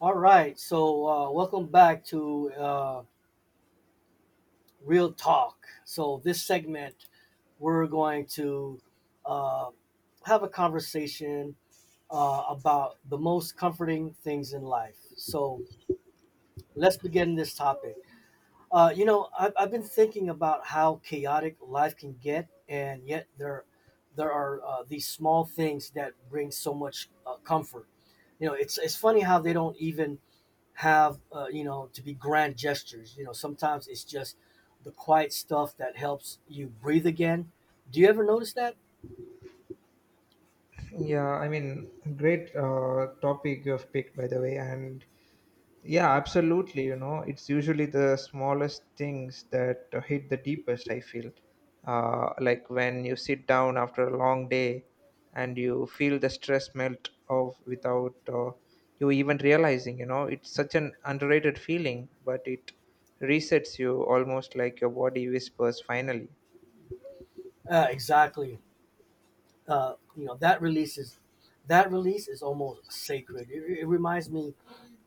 All right, so welcome back to Real Talk. So, this segment, we're going to uh, have a conversation about the most comforting things in life. So, let's begin this topic. I've been thinking about how chaotic life can get, and yet there are these small things that bring so much comfort. You know, it's funny how they don't even have to be grand gestures. Sometimes it's just the quiet stuff that helps you breathe again. Do you ever notice that? Yeah, I mean, great topic you've picked, by the way. And yeah, absolutely. You know, it's usually the smallest things that hit the deepest, I feel. Like when you sit down after a long day and you feel the stress melt off without you even realizing, you know, it's such an underrated feeling, but it resets you almost like your body whispers finally. Exactly. You know, that release is almost sacred. It reminds me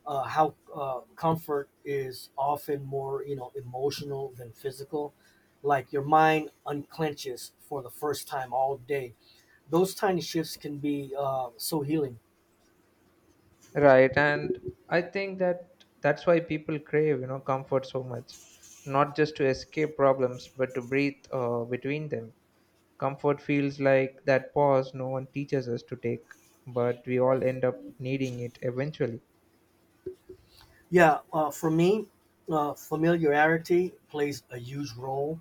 how comfort is often more, you know, emotional than physical, like your mind unclenches for the first time all day. Those tiny shifts can be so healing. Right, and I think that's why people crave, you know, comfort so much, not just to escape problems, but to breathe between them. Comfort feels like that pause no one teaches us to take, but we all end up needing it eventually. Yeah, for me, familiarity plays a huge role.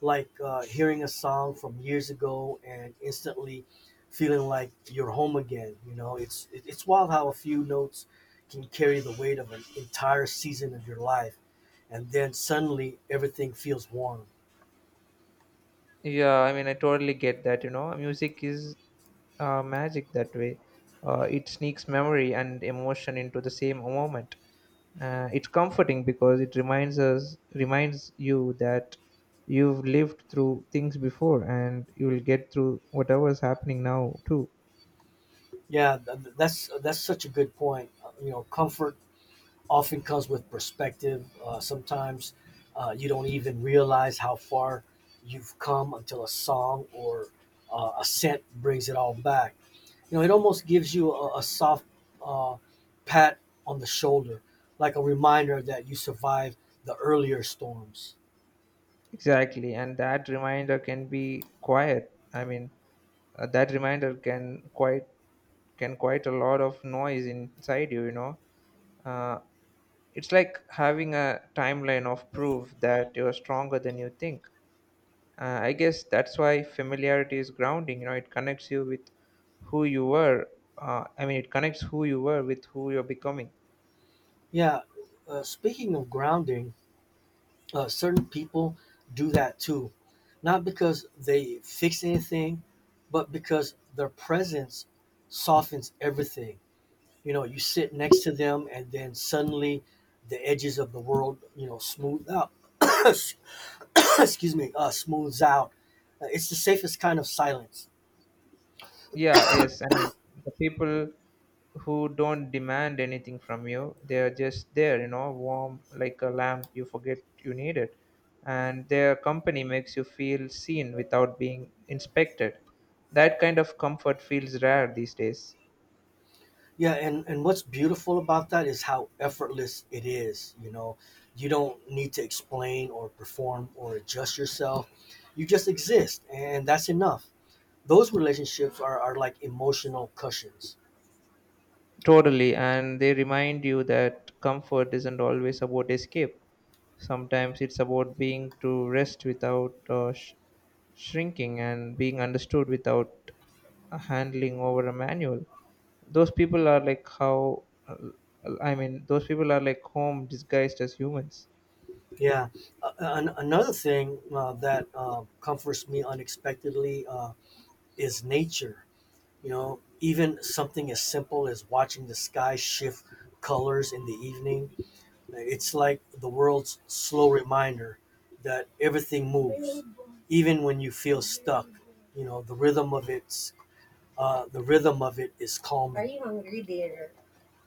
Like hearing a song from years ago and instantly feeling like you're home again. You know, it's wild how a few notes can carry the weight of an entire season of your life, and then suddenly everything feels warm. Yeah, I mean, I totally get that, you know, music is magic that way. It sneaks memory and emotion into the same moment. It's comforting because it reminds you that you've lived through things before, and you will get through whatever's happening now too. Yeah, that's such a good point. You know, comfort often comes with perspective. Sometimes you don't even realize how far you've come until a song or a scent brings it all back. You know, it almost gives you a soft uh, pat on the shoulder, like a reminder that you survived the earlier storms. Exactly, and that reminder can be quiet. That reminder can quite a lot of noise inside you, you know. uh, it's like having a timeline of proof that you're stronger than you think. I guess that's why familiarity is grounding. You know, it connects you with who you were. It connects who you were with who you're becoming. Yeah, speaking of grounding, certain people do that too, not because they fix anything, but because their presence softens everything. You know, you sit next to them, and then suddenly the edges of the world, you know, smooth out. Excuse me, smooths out. It's the safest kind of silence. Yeah, yes. I mean, the people who don't demand anything from you, they're just there, you know, warm like a lamp you forget you need it. And their company makes you feel seen without being inspected. That kind of comfort feels rare these days. Yeah, and what's beautiful about that is how effortless it is. You know, you don't need to explain or perform or adjust yourself. You just exist, and that's enough. Those relationships are like emotional cushions. Totally, and they remind you that comfort isn't always about escape. Sometimes it's about being to rest without shrinking and being understood without handling over a manual. Those people are like how, those people are like home disguised as humans. Yeah, uh, another thing that comforts me unexpectedly is nature. You know, even something as simple as watching the sky shift colors in the evening, it's like the world's slow reminder that everything moves, even when you feel stuck. You know, the rhythm of it is calming. Are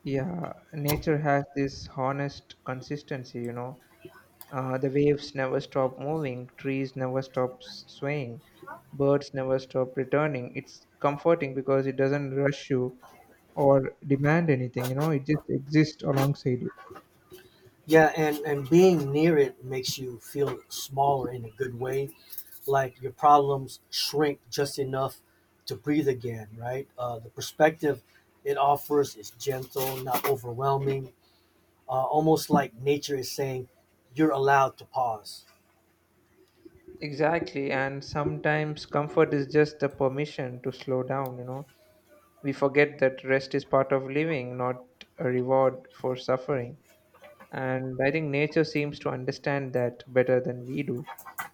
Yeah, nature has this honest consistency, you know. The waves never stop moving, trees never stop swaying, birds never stop returning. It's comforting because it doesn't rush you or demand anything, you know, it just exists alongside you. Yeah, and being near it makes you feel smaller in a good way, like your problems shrink just enough to breathe again, right? The perspective it offers is gentle, not overwhelming, almost like nature is saying, you're allowed to pause. Exactly, and sometimes comfort is just the permission to slow down, you know. We forget that rest is part of living, not a reward for suffering. And I think nature seems to understand that better than we do,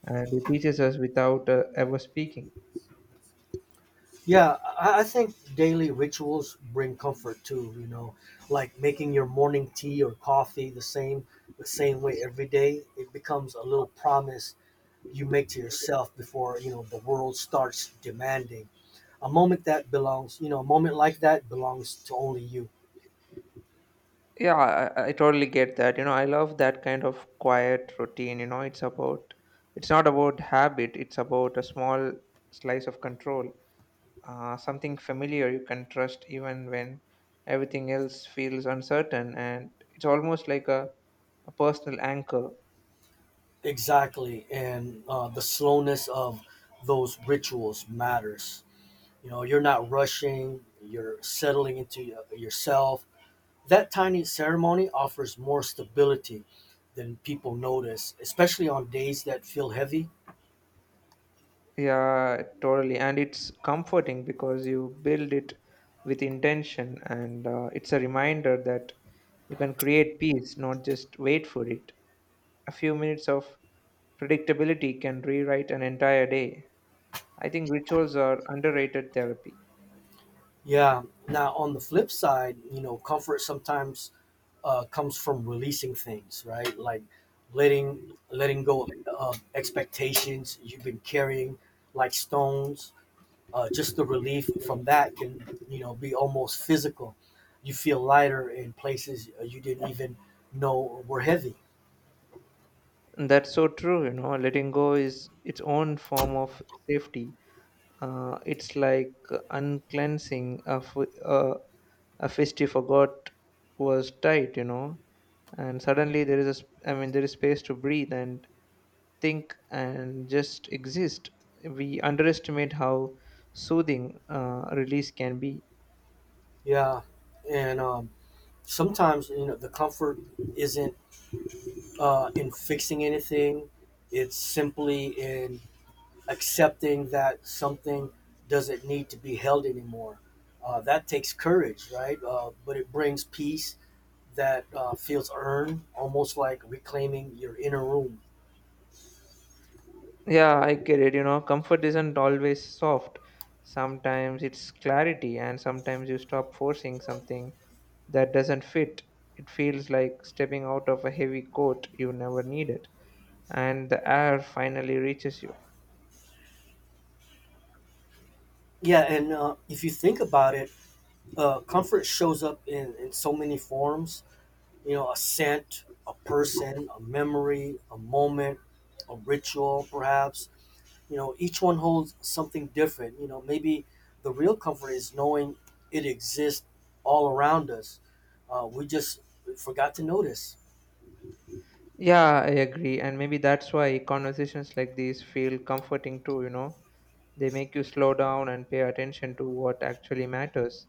and it teaches us without ever speaking. Yeah, I think daily rituals bring comfort too, you know, like making your morning tea or coffee the same way every day. It becomes a little promise you make to yourself before, you know, the world starts demanding. A moment like that belongs to only you. Yeah, I totally get that. You know, I love that kind of quiet routine. You know, it's not about habit, it's about a small slice of control, something familiar you can trust even when everything else feels uncertain. And it's almost like a personal anchor. Exactly, and the slowness of those rituals matters. You know, you're not rushing, you're settling into yourself. That tiny ceremony offers more stability than people notice, especially on days that feel heavy. Yeah, totally. And it's comforting because you build it with intention, and it's a reminder that you can create peace, not just wait for it. A few minutes of Predictability can rewrite an entire day. I think rituals are underrated therapy. Yeah. Now, on the flip side, you know, comfort sometimes comes from releasing things, right? Like letting letting go of expectations you've been carrying, like stones. Just the relief from that can, you know, be almost physical. You feel lighter in places you didn't even know were heavy. That's so true, you know. Letting go is its own form of safety. It's like uncleansing a, f- a fist you forgot was tight, you know. And suddenly there is a, sp- I mean, there is space to breathe and think and just exist. We underestimate how soothing release can be. Yeah, and sometimes, you know, the comfort isn't in fixing anything; it's simply in accepting that something doesn't need to be held anymore. That takes courage, right? But it brings peace that feels earned, almost like reclaiming your inner room. Yeah, I get it. You know, comfort isn't always soft. Sometimes it's clarity, and sometimes you stop forcing something that doesn't fit. It feels like stepping out of a heavy coat you never needed, and the air finally reaches you. Yeah, and if you think about it, comfort shows up in so many forms. You know, a scent, a person, a memory, a moment, a ritual, perhaps. You know, each one holds something different. You know, maybe the real comfort is knowing it exists all around us. Uh, we just forgot to notice. Yeah, I agree. And maybe that's why conversations like these feel comforting too, you know? They make you slow down and pay attention to what actually matters.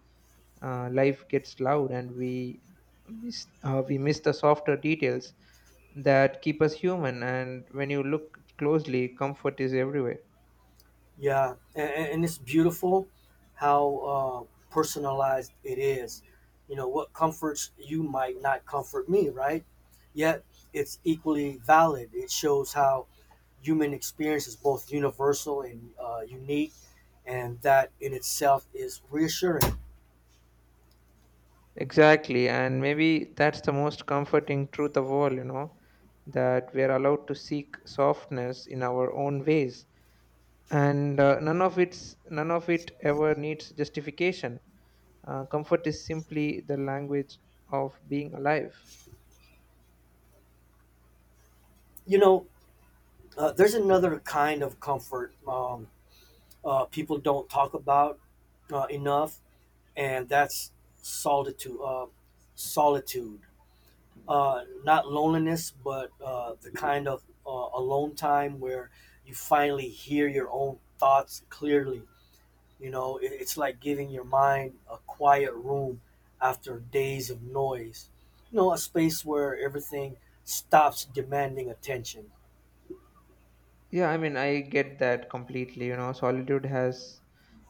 Life gets loud and we miss the softer details that keep us human, and when you look closely, comfort is everywhere. Yeah, and it's beautiful how personalized it is. You know, what comforts you might not comfort me, right? Yet it's equally valid. It shows how human experience is both universal and unique, and that in itself is reassuring. Exactly, and maybe that's the most comforting truth of all, you know, that we are allowed to seek softness in our own ways, and none of it ever needs justification. Uh, comfort is simply the language of being alive. You know, there's another kind of comfort people don't talk about enough, and that's solitude. Solitude, not loneliness, but the kind of alone time where you finally hear your own thoughts clearly. You know, it's like giving your mind a quiet room after days of noise. You know, a space where everything stops demanding attention. Yeah, I mean, I get that completely. You know, solitude has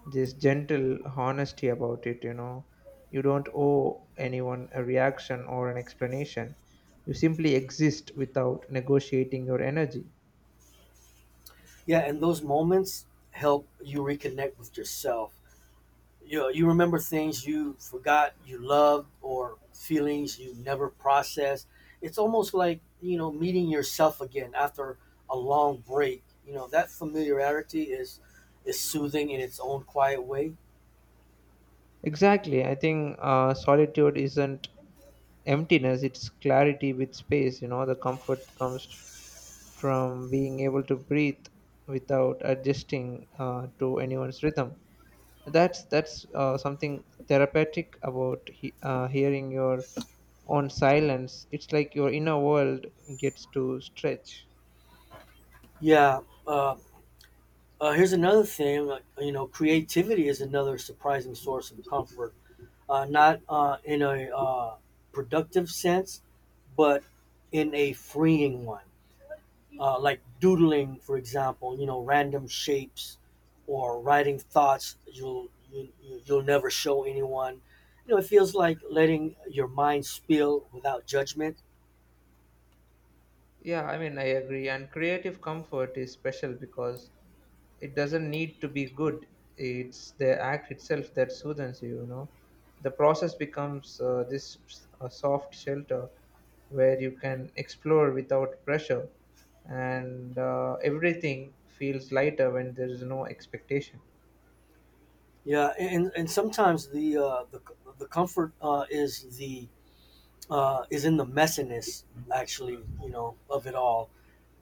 this gentle honesty about it. You know, you don't owe anyone a reaction or an explanation. You simply exist without negotiating your energy. Yeah, and those moments help you reconnect with yourself. You know, you remember things you forgot you loved, or feelings you never processed. It's almost like, you know, meeting yourself again after a long break. You know, that familiarity is soothing in its own quiet way. Exactly. I think solitude isn't emptiness, it's clarity with space. You know, the comfort comes from being able to breathe without adjusting to anyone's rhythm. That's something therapeutic about hearing your own silence. It's like your inner world gets to stretch. Yeah. Uh, Here's another thing. You know, creativity is another surprising source of comfort. Not in a productive sense, but in a freeing one. Like doodling, for example, you know, random shapes or writing thoughts you'll never show anyone. You know, it feels like letting your mind spill without judgment. Yeah, I mean, I agree, and creative comfort is special because it doesn't need to be good. It's the act itself that soothes you, you know. The process becomes this soft shelter where you can explore without pressure, and everything feels lighter when there is no expectation. Yeah, and sometimes the comfort is the is in the messiness, actually, you know, of it all.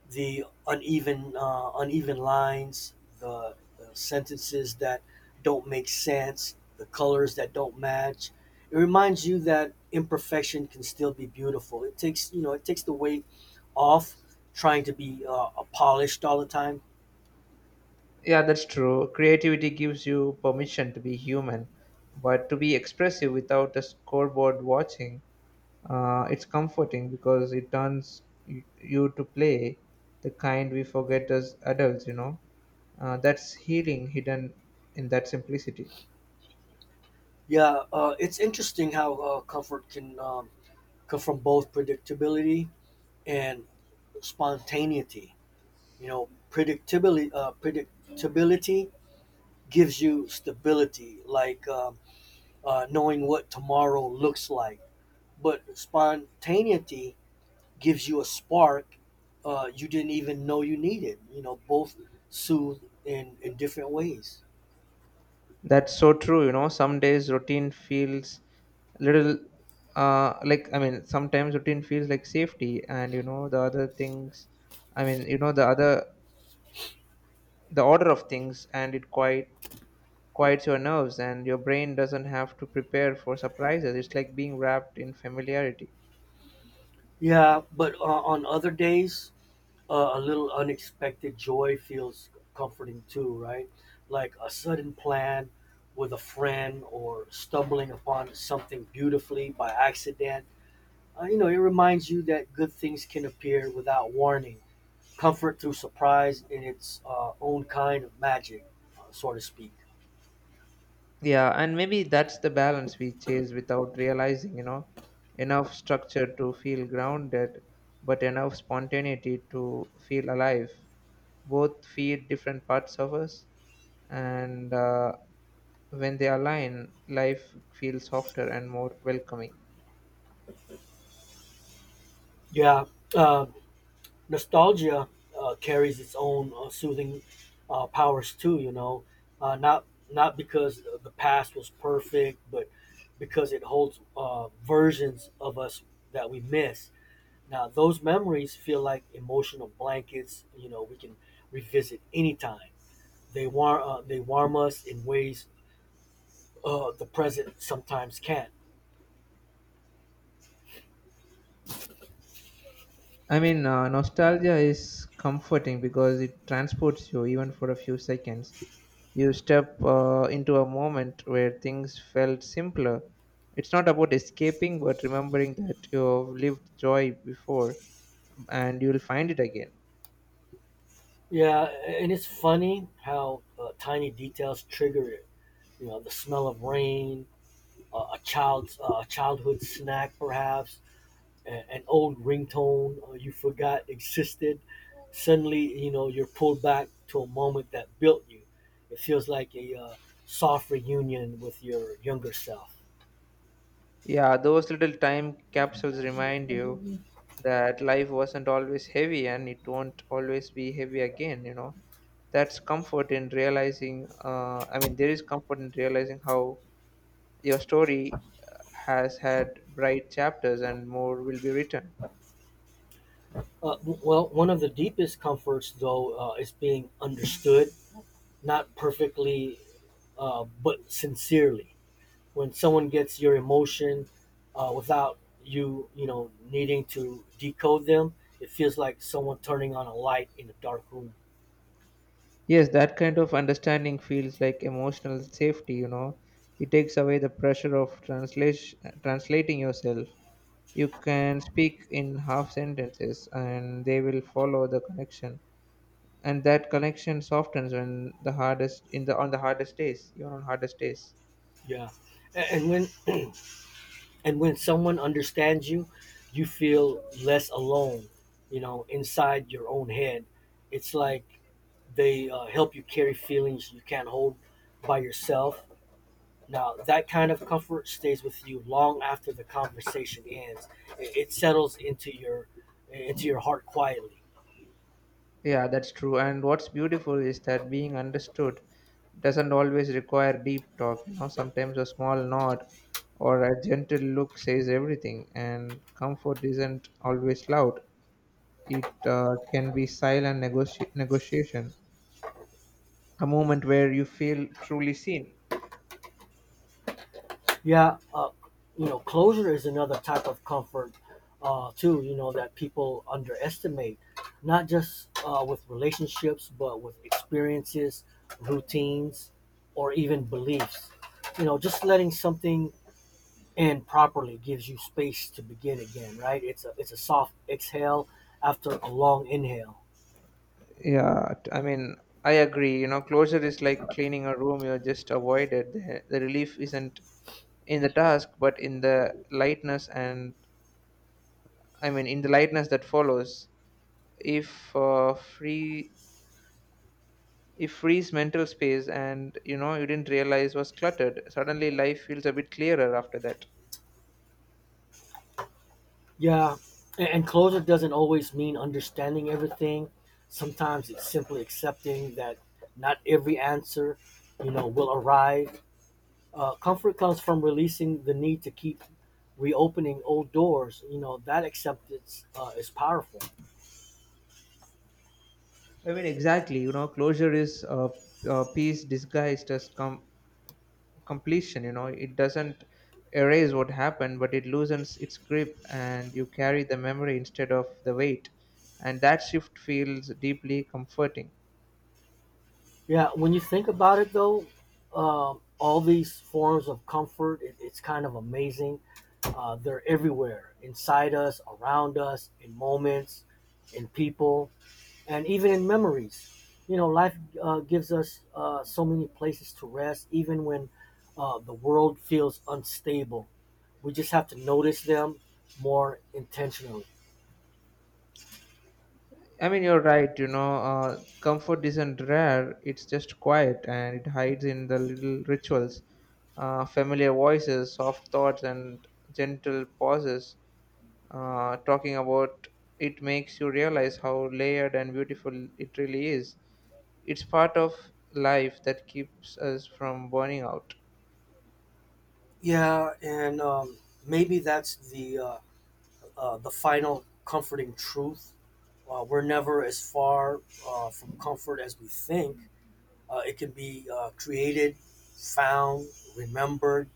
The uneven uneven lines, the sentences that don't make sense, the colors that don't match. It reminds you that imperfection can still be beautiful. It takes, you know, it takes the weight off trying to be polished all the time. Yeah, that's true. Creativity gives you permission to be human, but to be expressive without a scoreboard watching. Uh, it's comforting because it turns you to play the kind we forget as adults, you know. That's healing hidden in that simplicity. Yeah, it's interesting how comfort can come from both predictability and spontaneity. You know, predictability gives you stability, like knowing what tomorrow looks like. But spontaneity gives you a spark you didn't even know you needed. You know, both soothe in different ways. That's so true, you know. Some days routine feels little like I mean Sometimes routine feels like safety, and you know the other things I mean you know the other, the order of things, and it quiets your nerves, and your brain doesn't have to prepare for surprises. It's like being wrapped in familiarity. Yeah, but on other days, a little unexpected joy feels comforting too, right? Like a sudden plan with a friend, or stumbling upon something beautifully by accident. You know, it reminds you that good things can appear without warning. Comfort through surprise in its own kind of magic, so to speak. Yeah, and maybe that's the balance we chase without realizing, you know, enough structure to feel grounded, but enough spontaneity to feel alive. Both feed different parts of us, and when they align, life feels softer and more welcoming. Yeah, uh, nostalgia carries its own soothing powers too. You know, not not because the past was perfect, but because it holds versions of us that we miss. Now, those memories feel like emotional blankets. You know, we can revisit anytime. They warm, us in ways the present sometimes can't. I mean, nostalgia is comforting because it transports you even for a few seconds. You step into a moment where things felt simpler. It's not about escaping, but remembering that you've lived joy before and you'll find it again. Yeah, and it's funny how tiny details trigger it. You know, the smell of rain, a child's childhood snack, perhaps, an old ringtone you forgot existed. Suddenly, you know, you're pulled back to a moment that built you. It feels like a soft reunion with your younger self. Yeah, those little time capsules remind you that life wasn't always heavy, and it won't always be heavy again, you know. That's comfort in realizing, I mean, There is comfort in realizing how your story uh, has had bright chapters and more will be written. Well, one of the deepest comforts, though, is being understood, not perfectly, but sincerely. When someone gets your emotion without you know, needing to decode them, it feels like someone turning on a light in a dark room. Yes, that kind of understanding feels like emotional safety, you know. It takes away the pressure of translating yourself. You can speak in half sentences, and they will follow the connection. And that connection softens when the hardest in the on the hardest days, you're on hardest days. Yeah, and when and when someone understands you, you feel less alone. You know, inside your own head, it's like they help you carry feelings you can't hold by yourself. Now, that kind of comfort stays with you long after the conversation ends. It settles into your heart quietly. Yeah, that's true. And what's beautiful is that being understood doesn't always require deep talk. You know, sometimes a small nod or a gentle look says everything. And comfort isn't always loud. It can be silent negotiation, a moment where you feel truly seen. Yeah, you know, closure is another type of comfort too. You know, that people underestimate, not just with relationships, but with experiences, routines, or even beliefs. You know, just letting something end properly gives you space to begin again. Right? It's a soft exhale after a long inhale. Yeah, t- I mean, I agree. You know, closure is like cleaning a room you just avoided. The relief isn't in the task, but in the lightness, and in the lightness that follows. if uh, free if free's mental space, and you know you didn't realize was cluttered, suddenly life feels a bit clearer after that. Yeah, and closure doesn't always mean understanding everything. Sometimes it's simply accepting that not every answer, you know, will arrive. Comfort comes from releasing the need to keep reopening old doors. You know, that acceptance is powerful. I mean, exactly, you know, closure is a piece disguised as completion. You know, it doesn't erase what happened, but it loosens its grip, and you carry the memory instead of the weight, and that shift feels deeply comforting. Yeah, when you think about it, though, all these forms of comfort, it's kind of amazing. They're everywhere, inside us, around us, in moments, in people, and even in memories. You know, life gives us so many places to rest, even when the world feels unstable. We just have to notice them more intentionally. I mean, you're right. You know, comfort isn't rare. It's just quiet, and it hides in the little rituals, familiar voices, soft thoughts, and gentle pauses. Talking about it makes you realize how layered and beautiful it really is. It's part of life that keeps us from burning out. Yeah, and maybe that's the final comforting truth. Uh, we're never as far from comfort as we think. Uh, it can be created, found, remembered,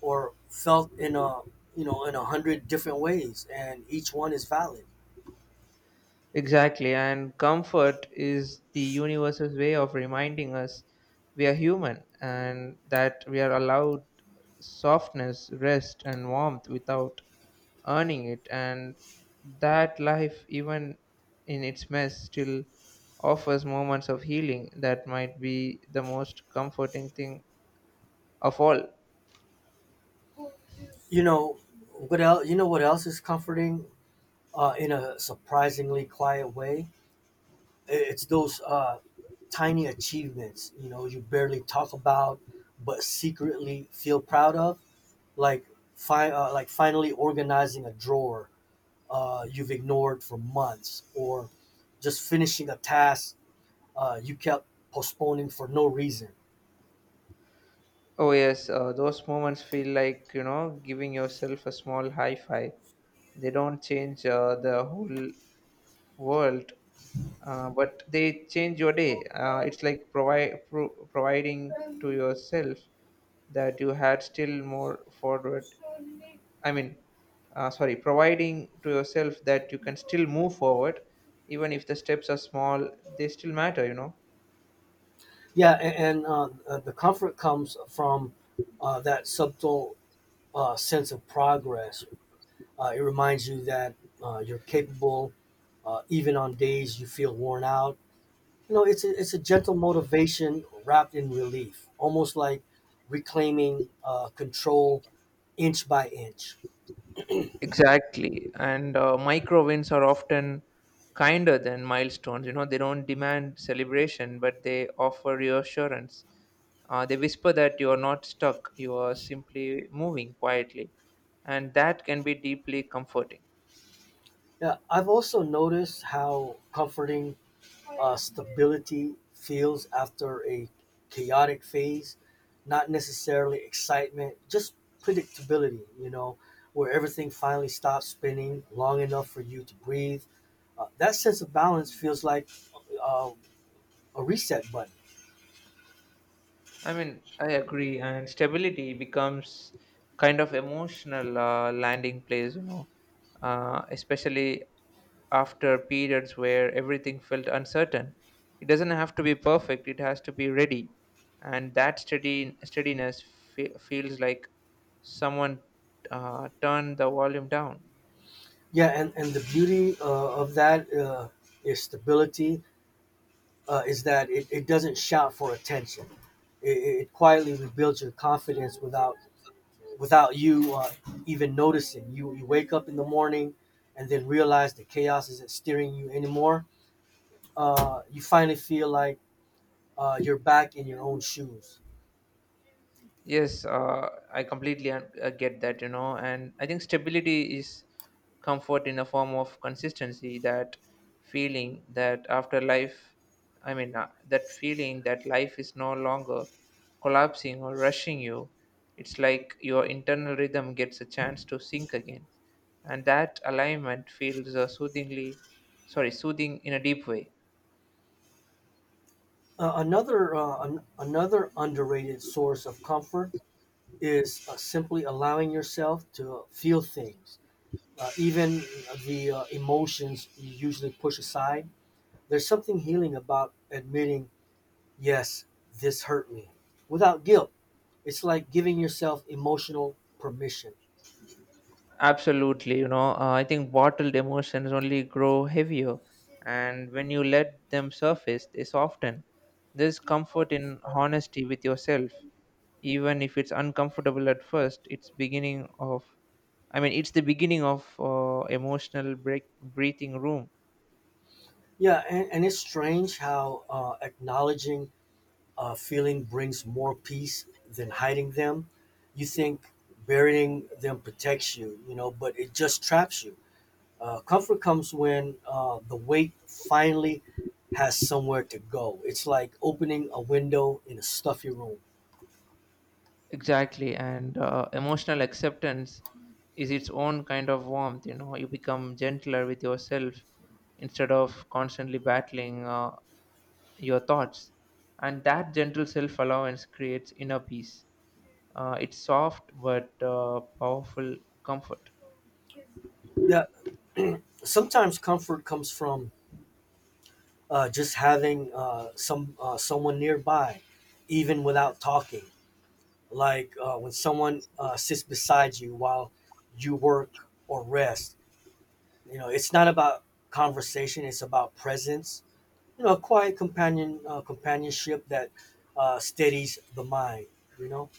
or felt in a, you know, in a hundred different ways, and each one is valid. Exactly, and comfort is the universe's way of reminding us we are human and that we are allowed softness, rest, and warmth without earning it, and that life, even in its mess, still offers moments of healing that might be the most comforting thing of all. You know what else? You know what else is comforting in a surprisingly quiet way? It's those tiny achievements, you know, you barely talk about, but secretly feel proud of, like like finally organizing a drawer you've ignored for months, or just finishing a task you kept postponing for no reason. Oh, yes, those moments feel like, you know, giving yourself a small high five. They don't change the whole world, but they change your day. It's like provide pro- providing to yourself that you had still more forward. I mean, sorry, providing to yourself that you can still move forward. Even if the steps are small, they still matter. You know. Yeah, and the comfort comes from that subtle sense of progress. It reminds you that you're capable, even on days you feel worn out. You know, it's a gentle motivation wrapped in relief, almost like reclaiming control inch by inch. Exactly. And micro wins are often kinder than milestones. You know, they don't demand celebration, but they offer reassurance. They whisper that you are not stuck, you are simply moving quietly. And that can be deeply comforting. Yeah, I've also noticed how comforting stability feels after a chaotic phase, not necessarily excitement, just predictability, you know, where everything finally stops spinning long enough for you to breathe. That sense of balance feels like uh, a reset button. I mean, I agree, and stability becomes kind of emotional landing place, you know, especially after periods where everything felt uncertain. It doesn't have to be perfect; it has to be ready, and that steady steadiness feels like someone turned the volume down. Yeah, and the beauty of that is stability is that it doesn't shout for attention. It quietly rebuilds your confidence without you even noticing. You wake up in the morning and then realize the chaos isn't steering you anymore. You finally feel like you're back in your own shoes. Yes, I get that, you know, and I think stability is comfort in a form of consistency. Feeling that after life, that feeling that life is no longer collapsing or rushing you. It's like your internal rhythm gets a chance to sink again, and that alignment feels soothing in a deep way. Another underrated source of comfort is simply allowing yourself to feel things, even the emotions you usually push aside. There's something healing about admitting, "Yes, this hurt me," without guilt. It's like giving yourself emotional permission. Absolutely, you know, I think bottled emotions only grow heavier, and when you let them surface, they soften. There's comfort in honesty with yourself, even if it's uncomfortable at first. It's the beginning of emotional break breathing room. Yeah, and it's strange how acknowledging a feeling brings more peace than hiding them. You think burying them protects you, you know, but it just traps you. Comfort comes when the weight finally has somewhere to go. It's like opening a window in a stuffy room. Exactly, and emotional acceptance is its own kind of warmth. You know, you become gentler with yourself instead of constantly battling your thoughts. And that gentle self allowance creates inner peace. It's soft but powerful comfort. Yeah, sometimes comfort comes from just having someone nearby, even without talking. Like when someone sits beside you while you work or rest. You know, it's not about conversation; it's about presence. You know, a quiet companionship that steadies the mind. You know,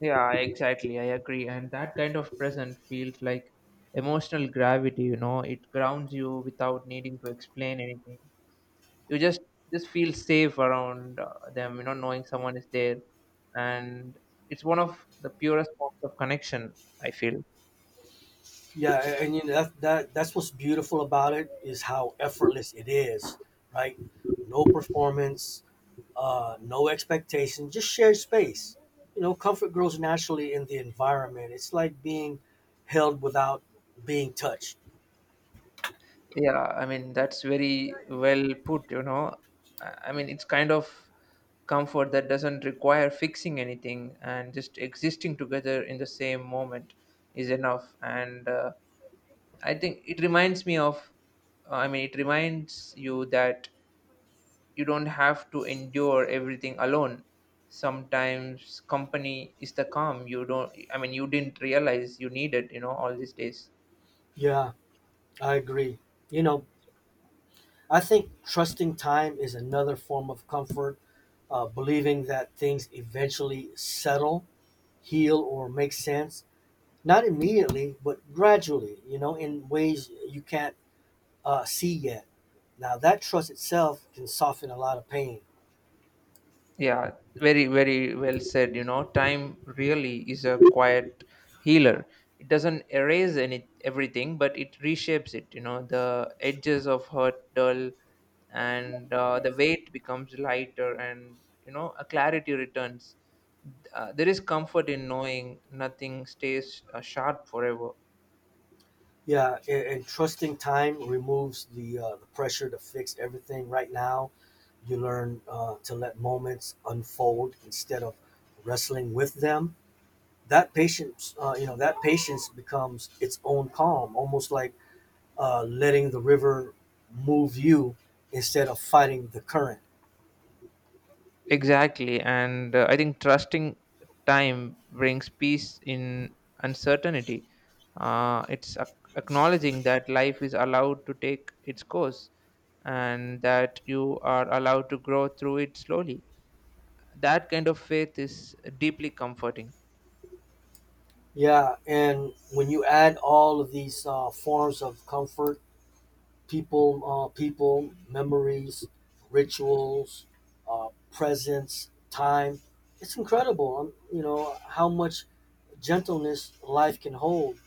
Yeah, exactly. I agree. And that kind of present feels like emotional gravity, you know, it grounds you without needing to explain anything. You just feel safe around them, you know, knowing someone is there. And it's one of the purest forms of connection, I feel. yeah, you know, that's what's beautiful about it is how effortless it is, right? No performance, no expectation, just shared space. You know, comfort grows naturally in the environment. It's like being held without being touched. Yeah, I mean, that's very well put, you know. I mean, it's kind of comfort that doesn't require fixing anything, and just existing together in the same moment is enough. And I think it reminds me of, I mean, it reminds you that you don't have to endure everything alone. Sometimes company is the calm you don't, I mean, you didn't realize you needed, you know, all these days. Yeah, I agree. You know, I think trusting time is another form of comfort, believing that things eventually settle, heal, or make sense. Not immediately, but gradually, you know, in ways you can't see yet. Now, that trust itself can soften a lot of pain. Yeah, very, very well said. You know, time really is a quiet healer. It doesn't erase any everything, but it reshapes it. You know, the edges of hurt dull, and the weight becomes lighter, and you know, a clarity returns. There is comfort in knowing nothing stays sharp forever. Yeah, and trusting time removes the pressure to fix everything right now. You learn to let moments unfold instead of wrestling with them. That patience, you know, that patience becomes its own calm, almost like letting the river move you instead of fighting the current. Exactly, and I think trusting time brings peace in uncertainty. Uh, it's ac- Acknowledging that life is allowed to take its course, and that you are allowed to grow through it slowly. That kind of faith is deeply comforting. Yeah, and when you add all of these forms of comfort: people, memories, rituals, presence, time. It's incredible, you know, how much gentleness life can hold.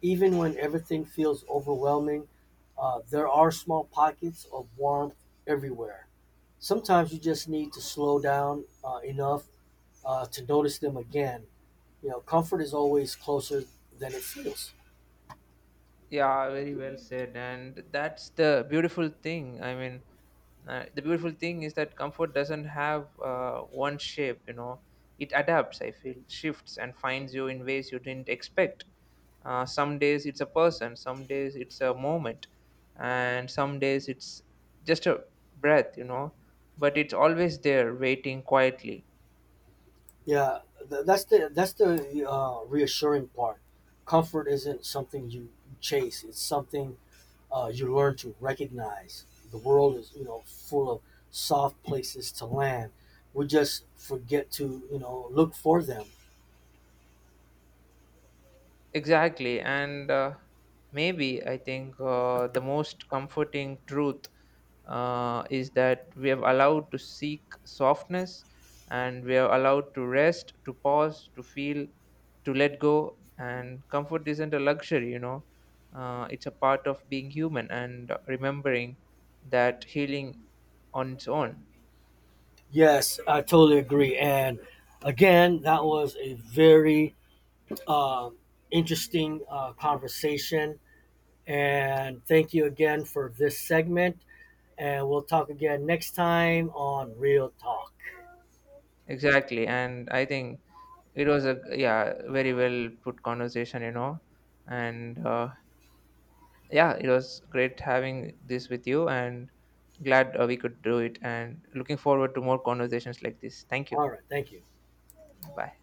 Even when everything feels overwhelming, there are small pockets of warmth everywhere. Sometimes you just need to slow down enough to notice them again. You know, comfort is always closer than it feels. Yeah, very well said. And that's the beautiful thing. I mean, the beautiful thing is that comfort doesn't have one shape, you know, it adapts, I feel, shifts and finds you in ways you didn't expect. Some days it's a person, some days it's a moment, and some days it's just a breath, you know, but it's always there waiting quietly. Yeah, that's the reassuring part. Comfort isn't something you chase; it's something you learn to recognize. The world is, you know, full of soft places to land. We just forget to, you know, look for them. Exactly. And maybe I think the most comforting truth is that we have allowed to seek softness, and we are allowed to rest, to pause, to feel, to let go. And comfort isn't a luxury, you know, it's a part of being human and remembering that healing on its own. Yes, I totally agree. And again, that was a very um, interesting conversation. And thank you again for this segment. And we'll talk again next time on Real Talk. Exactly. And I think it was a, yeah, very well put conversation, you know. And yeah, it was great having this with you, and glad we could do it, and looking forward to more conversations like this. Thank you. All right. Thank you. Bye.